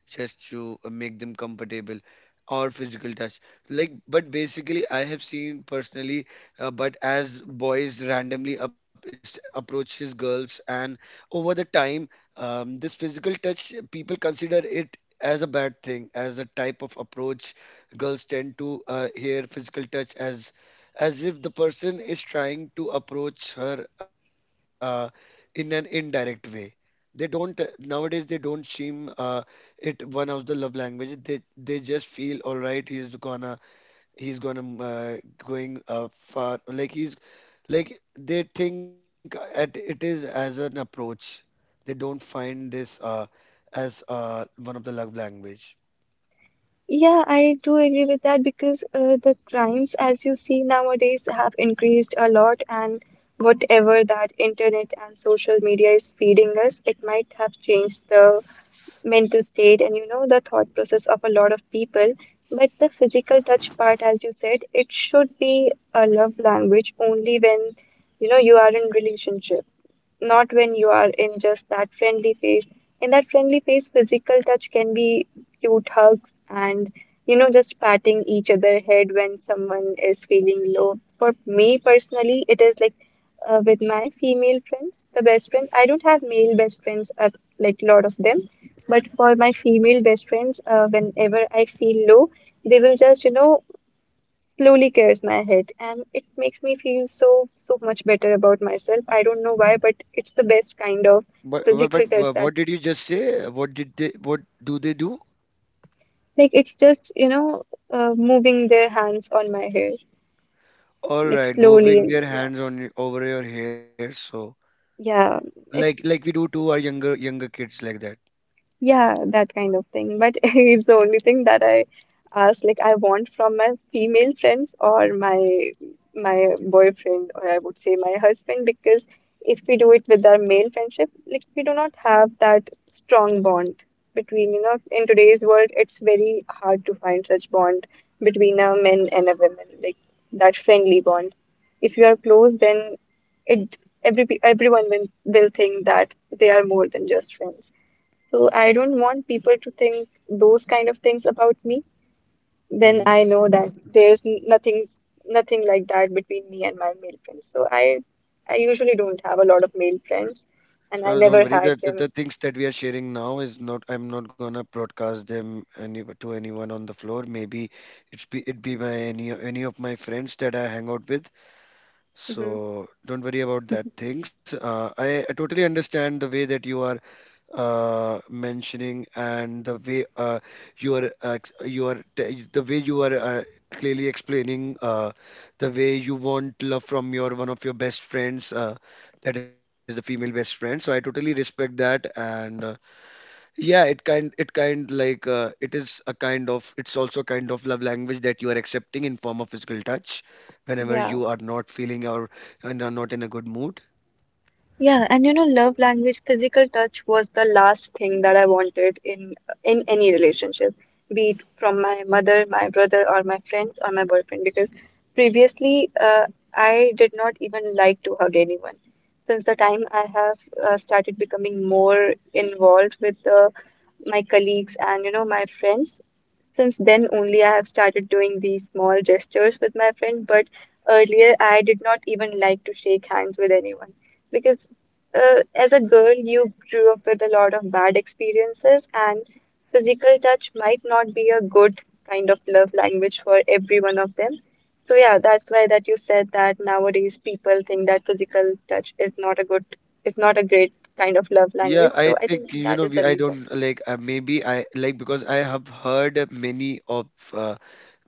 just to make them comfortable, or physical touch, like, but basically I have seen personally, but as boys randomly approaches girls, and over the time, this physical touch people consider it as a bad thing, as a type of approach. Girls tend to hear physical touch as if the person is trying to approach her in an indirect way. They don't, nowadays. They don't seem it one of the love languages. They just feel all right. He's gonna going far. Like he's like they think at it is as an approach. They don't find this as one of the love language.
Yeah, I do agree with that because the crimes, as you see nowadays, have increased a lot, and whatever that internet and social media is feeding us, it might have changed the mental state and, the thought process of a lot of people. But the physical touch part, as you said, it should be a love language only when you are in relationship, not when you are in just that friendly phase. In that friendly phase, physical touch can be cute hugs and, just patting each other head when someone is feeling low. For me personally, it is like with my female friends, the best friends. I don't have male best friends at like lot of them, but for my female best friends, whenever I feel low, they will just slowly clears my head and it makes me feel so so much better about myself. I don't know why, but it's the best kind of
But, but but
physical
wha-
touch.
what
That
did you just say? What did they? What do they do?
Like it's just, moving their hands on my hair,
All
like
right,
slowly.
moving
And
their
yeah,
hands on over your hair. So
yeah,
like
it's,
like we do to our younger kids like that.
yeah, that kind of thing. But it's the only thing that I ask, like I want from my female friends or my boyfriend, or I would say my husband, because if we do it with our male friendship, like we do not have that strong bond between, you know, in today's world it's very hard to find such bond between a man and a woman, like that friendly bond. If you are close, then it, everyone will, think that they are more than just friends. So I don't want people to think those kind of things about me. Then
Mm-hmm.
I know that there's nothing, like that between me and my male friends. So I usually don't have a lot of male friends, and I
Don't
never
worry
had
that the
them.
things that we are sharing now is not I'm not gonna broadcast them any to anyone on the floor. Maybe it be by any of my friends that I hang out with.
Hmm.
So don't worry about that things. I totally understand the way that you are mentioning and the way you are uh the way you are clearly explaining the way you want love from your one of your best friends that is the female best friend, so I totally respect that. And yeah, it kind like it is a kind of it's also a kind of love language that you are accepting in form of physical touch whenever
Yeah.
you are not feeling or and are not in a good mood.
Yeah, and you know, love language, physical touch was the last thing that I wanted in any relationship, be it from my mother, my brother, or my friends, or my boyfriend. Because previously, I did not even like to hug anyone. Since the time I have started becoming more involved with the my colleagues and, my friends. Since then only I have started doing these small gestures with my friend, but earlier I did not even like to shake hands with anyone because as a girl you grew up with a lot of bad experiences, and physical touch might not be a good kind of love language for every one of them. So yeah, that's why that you said that nowadays people think that physical touch is not a good, is not a great kind of love
Yeah,
language.
I
So I think
think, you
that
know,
is
we
the
I
reason.
don't like, maybe I like, because I have heard of many of uh,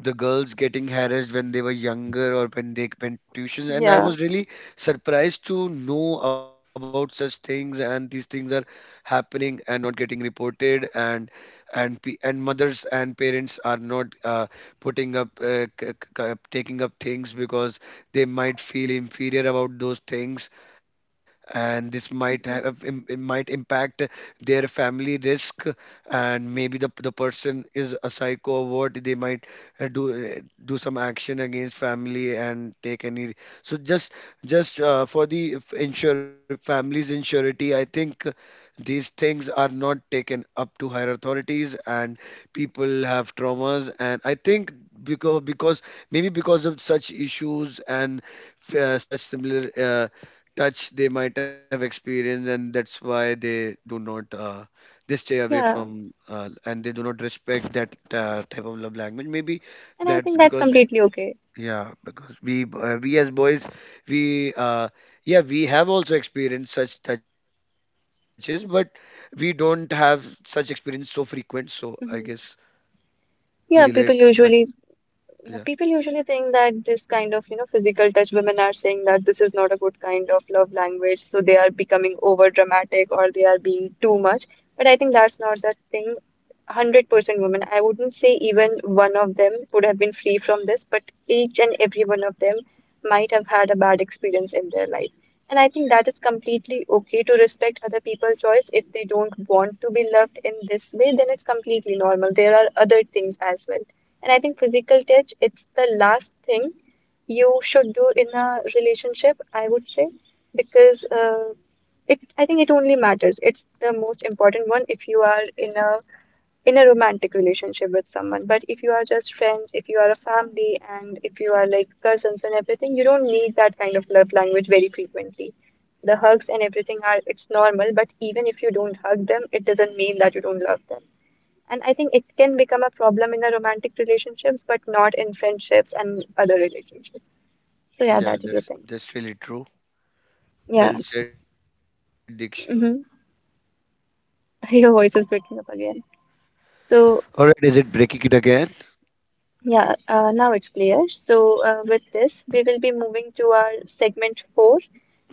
the girls getting harassed when they were younger or when they went tuitions, and I
Yeah.
was really surprised to know about such things, and these things are happening and not getting reported. And and mothers and parents are not putting up, taking up things because they might feel inferior about those things, and this
Mhm.
it might impact their family risk. And maybe the person is a psycho, or what they might uh, do uh, do some action against family and take any. So just for the insure family's insurity, I think these things are not taken up to higher authorities, and people have traumas. And I think, because maybe because of such issues and such similar touch they might have experienced, and that's why they do not, they stay away
Yeah.
from, and they do not respect that type of love language maybe.
And I
That's
think that's
because,
completely okay.
yeah, because we as boys we yeah, we have also experienced such touches, but we don't have such experiences so frequent, so I guess
Mhm.
we
Yeah,
relate.
people
But
usually, you know,
yeah,
people usually think that this kind of, you know, physical touch, women are saying that this is not a good kind of love language, so they are becoming over dramatic or they are being too much. But I think that's not the thing. 100% women. I wouldn't say even one of them would have been free from this, but each and every one of them might have had a bad experience in their life. And I think that is completely okay to respect other people's choice. If they don't want to be loved in this way, then it's completely normal. There are other things as well. And I think physical touch, it's the last thing you should do in a relationship, I would say, because it, I think it only matters. It's the most important one if you are in a romantic relationship with someone. But if you are just friends, if you are a family, and if you are like cousins and everything, you don't need that kind of love language very frequently. The hugs and everything are, it's normal, but even if you don't hug them, it doesn't mean that you don't love them. And I think it can become a problem in a romantic relationships, but not in friendships and other relationships. So yeah,
yeah,
that is the thing.
that's really true.
Yeah.
Well said, Diksha.
Hmm. Your voice is breaking up again. So
All right, is it breaking it again?
yeah, now it's clear. So, with this, we will be moving to our segment four,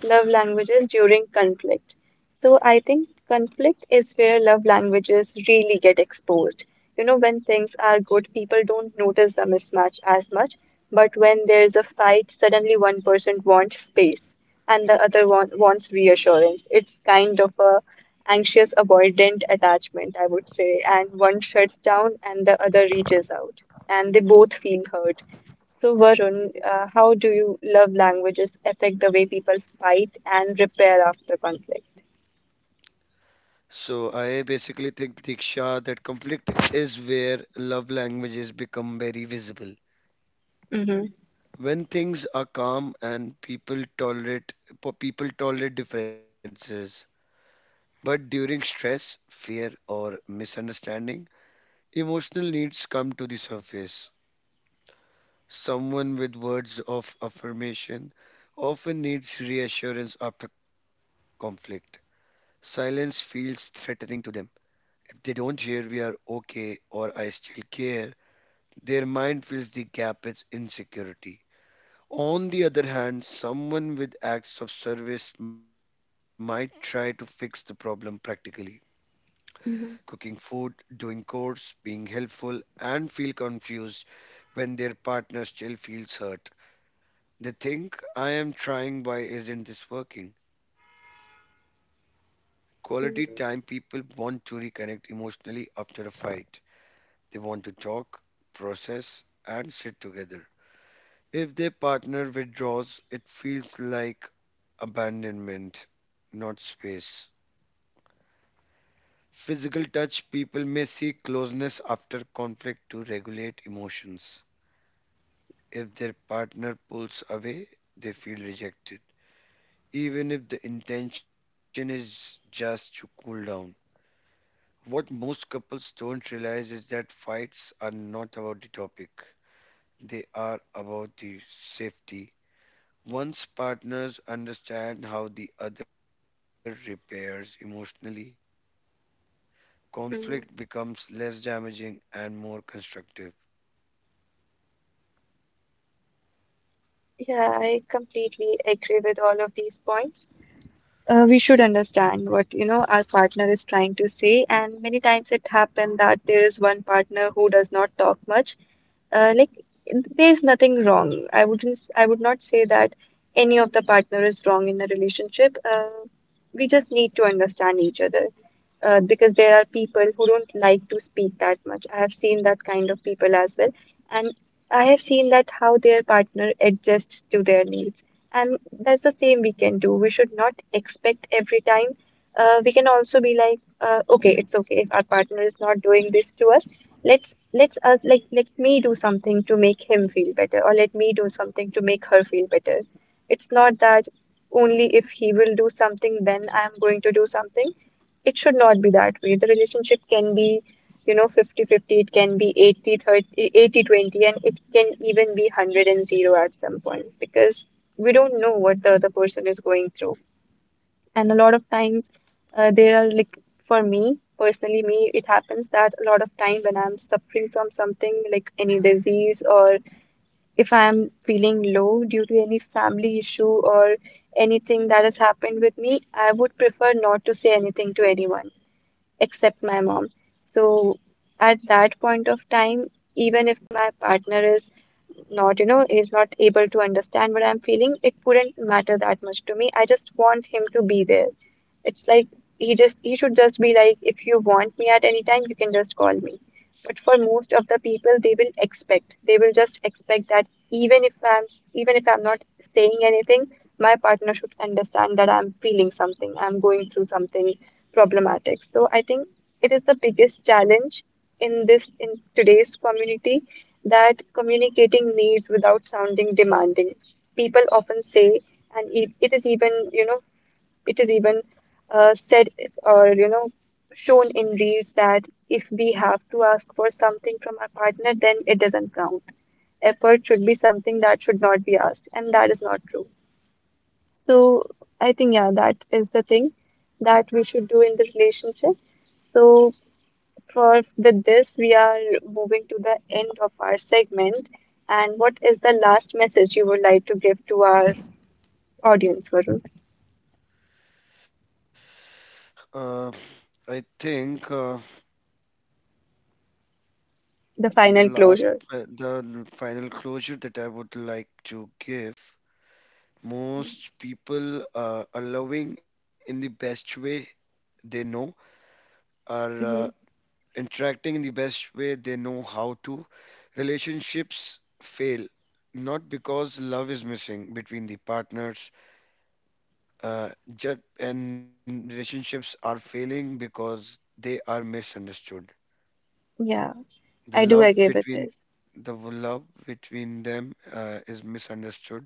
love languages during conflict. So, I think conflict is where love languages really get exposed. You know, when things are good, people don't notice the mismatch as much, but when there's a fight, suddenly one person wants space and the other one wants reassurance. It's kind of a anxious avoidant attachment, I would say, and one shuts down and the other reaches out and they both feel heard. So, Varun, how do you love languages affect the way people fight and repair after conflict?
So I basically think, Diksha, that conflict is where love languages become very visible.
Mm-hmm.
When things are calm and people tolerate people tolerate differences, but during stress, fear, or misunderstanding, emotional needs come to the surface. Someone with words of affirmation often needs reassurance after conflict. Silence feels threatening to them. They don't hear we are okay or I still care. Their mind fills the gap with insecurity. On the other hand, someone with acts of service might try to fix the problem practically.
Mhm,
Cooking food, doing chores, being helpful, and feel confused when their partner still feels hurt. They think, I am trying, why isn't this working? Quality time
mhm,
people want to reconnect emotionally after a fight. They want to talk, process, and sit together. If their partner withdraws, it feels like abandonment, not space. Physical touch people may seek closeness after conflict to regulate emotions. If their partner pulls away, they feel rejected, even if the intention is just to cool down. What most couples don't realize is that fights are not about the topic, they are about the safety. Once partners understand how the other repairs emotionally,
mhm.
conflict becomes less damaging and more constructive.
Yeah, I completely agree with all of these points. We should understand what, you know, our partner is trying to say, and many times it happens that there is one partner who does not talk much, like there's nothing wrong. I would not say that any of the partner is wrong in the relationship. We just need to understand each other because there are people who don't like to speak that much. I have seen that kind of people as well. And I have seen that how their partner adjusts to their needs. And that's the same we can do. We should not expect every time. We can also be like, okay, it's okay if our partner is not doing this to us. Let's us like let me do something to make him feel better, or let me do something to make her feel better. It's not that only if he will do something, then I am going to do something. It should not be that way. The relationship can be, you know, 50 50. It can be 80/30, 80/20, and it can even be 100/0 at some point, because we don't know what the other person is going through. And a lot of times, there are like, for me, personally, it happens that a lot of time when I'm suffering from something like any disease, or if I'm feeling low due to any family issue or anything that has happened with me, I would prefer not to say anything to anyone except my mom. So at that point of time, even if my partner is not, you know, is not able to understand what I'm feeling, it wouldn't matter that much to me. I just want him to be there. It's like he should just be like, if you want me at any time, you can just call me. But for most of the people, they will expect, they will just expect that even if I'm even if I'm not saying anything, my partner should understand that I'm feeling something, I'm going through something problematic. So I think it is the biggest challenge in this, in today's community, that communicating needs without sounding demanding. People often say, and it is even, you know, it is even said, or you know, shown in reels that if we have to ask for something from our partner, then it doesn't count. Effort should be something that should not be asked, and that is not true. So I think yeah, that is the thing that we should do in the relationship. So for with this, we are moving to the end of our segment. And what is the last message you would like to give to our audience, Varun?
Uh, I think
The
The
final
last,
closure.
the final closure that I would like to give: most people are loving in the best way they know, are
Hmm.
interacting in the best way they know how to. Relationships fail not because love is missing between the partners, uh, and relationships are failing because they are misunderstood.
Yeah.
The
I do
love
agree with
between
this.
the love between them is misunderstood.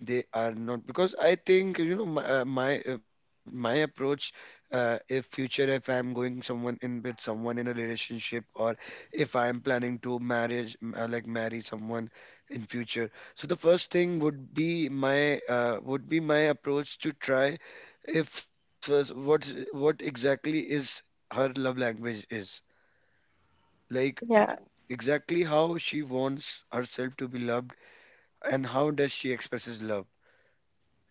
They are not, because I think, you know, my approach. If future, if I'm going someone in with someone in a relationship, or if I'm planning to marriage like marry someone in future, so the first thing would be my approach to try if what exactly is her love language is, like
Yeah,
exactly how she wants herself to be loved, and how does she expresses love,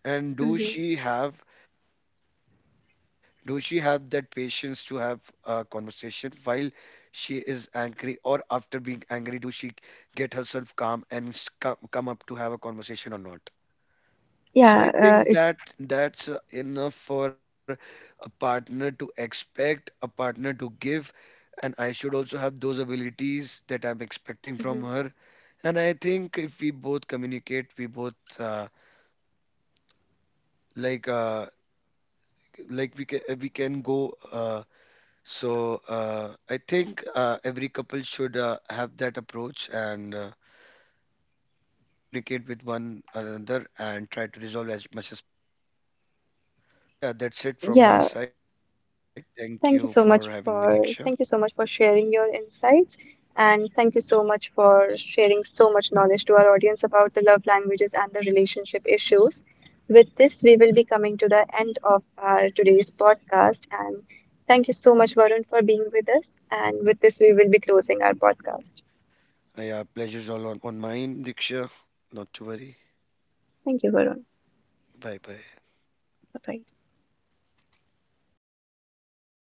and
Mm-hmm.
do she have that patience to have a conversation while she is angry, or after being angry, do she get herself calm and come, up to have a conversation or not? So
yeah,
I think
it's,
that that's enough for a partner to expect, a partner to give, and I should also have those abilities that I'm expecting
Mm-hmm.
from her. And I think if we both communicate, we both uh, like uh, we can go, so I think every couple should have that approach, and they should try to communicate with one another and try to resolve as much as possible. So yeah, that's it from my
yeah.
side. Thank you for having me, Diksha.
Thank you so much for sharing your insights, and thank you so much for sharing so much knowledge to our audience about the love languages and the relationship issues. With this, we will be coming to the end of our today's podcast, and thank you so much, Varun, for being with us. And with this, we will be closing our podcast.
Yeah, pleasure's all on mine, Diksha. Not to worry.
Thank you, Varun.
Bye bye.
Bye bye.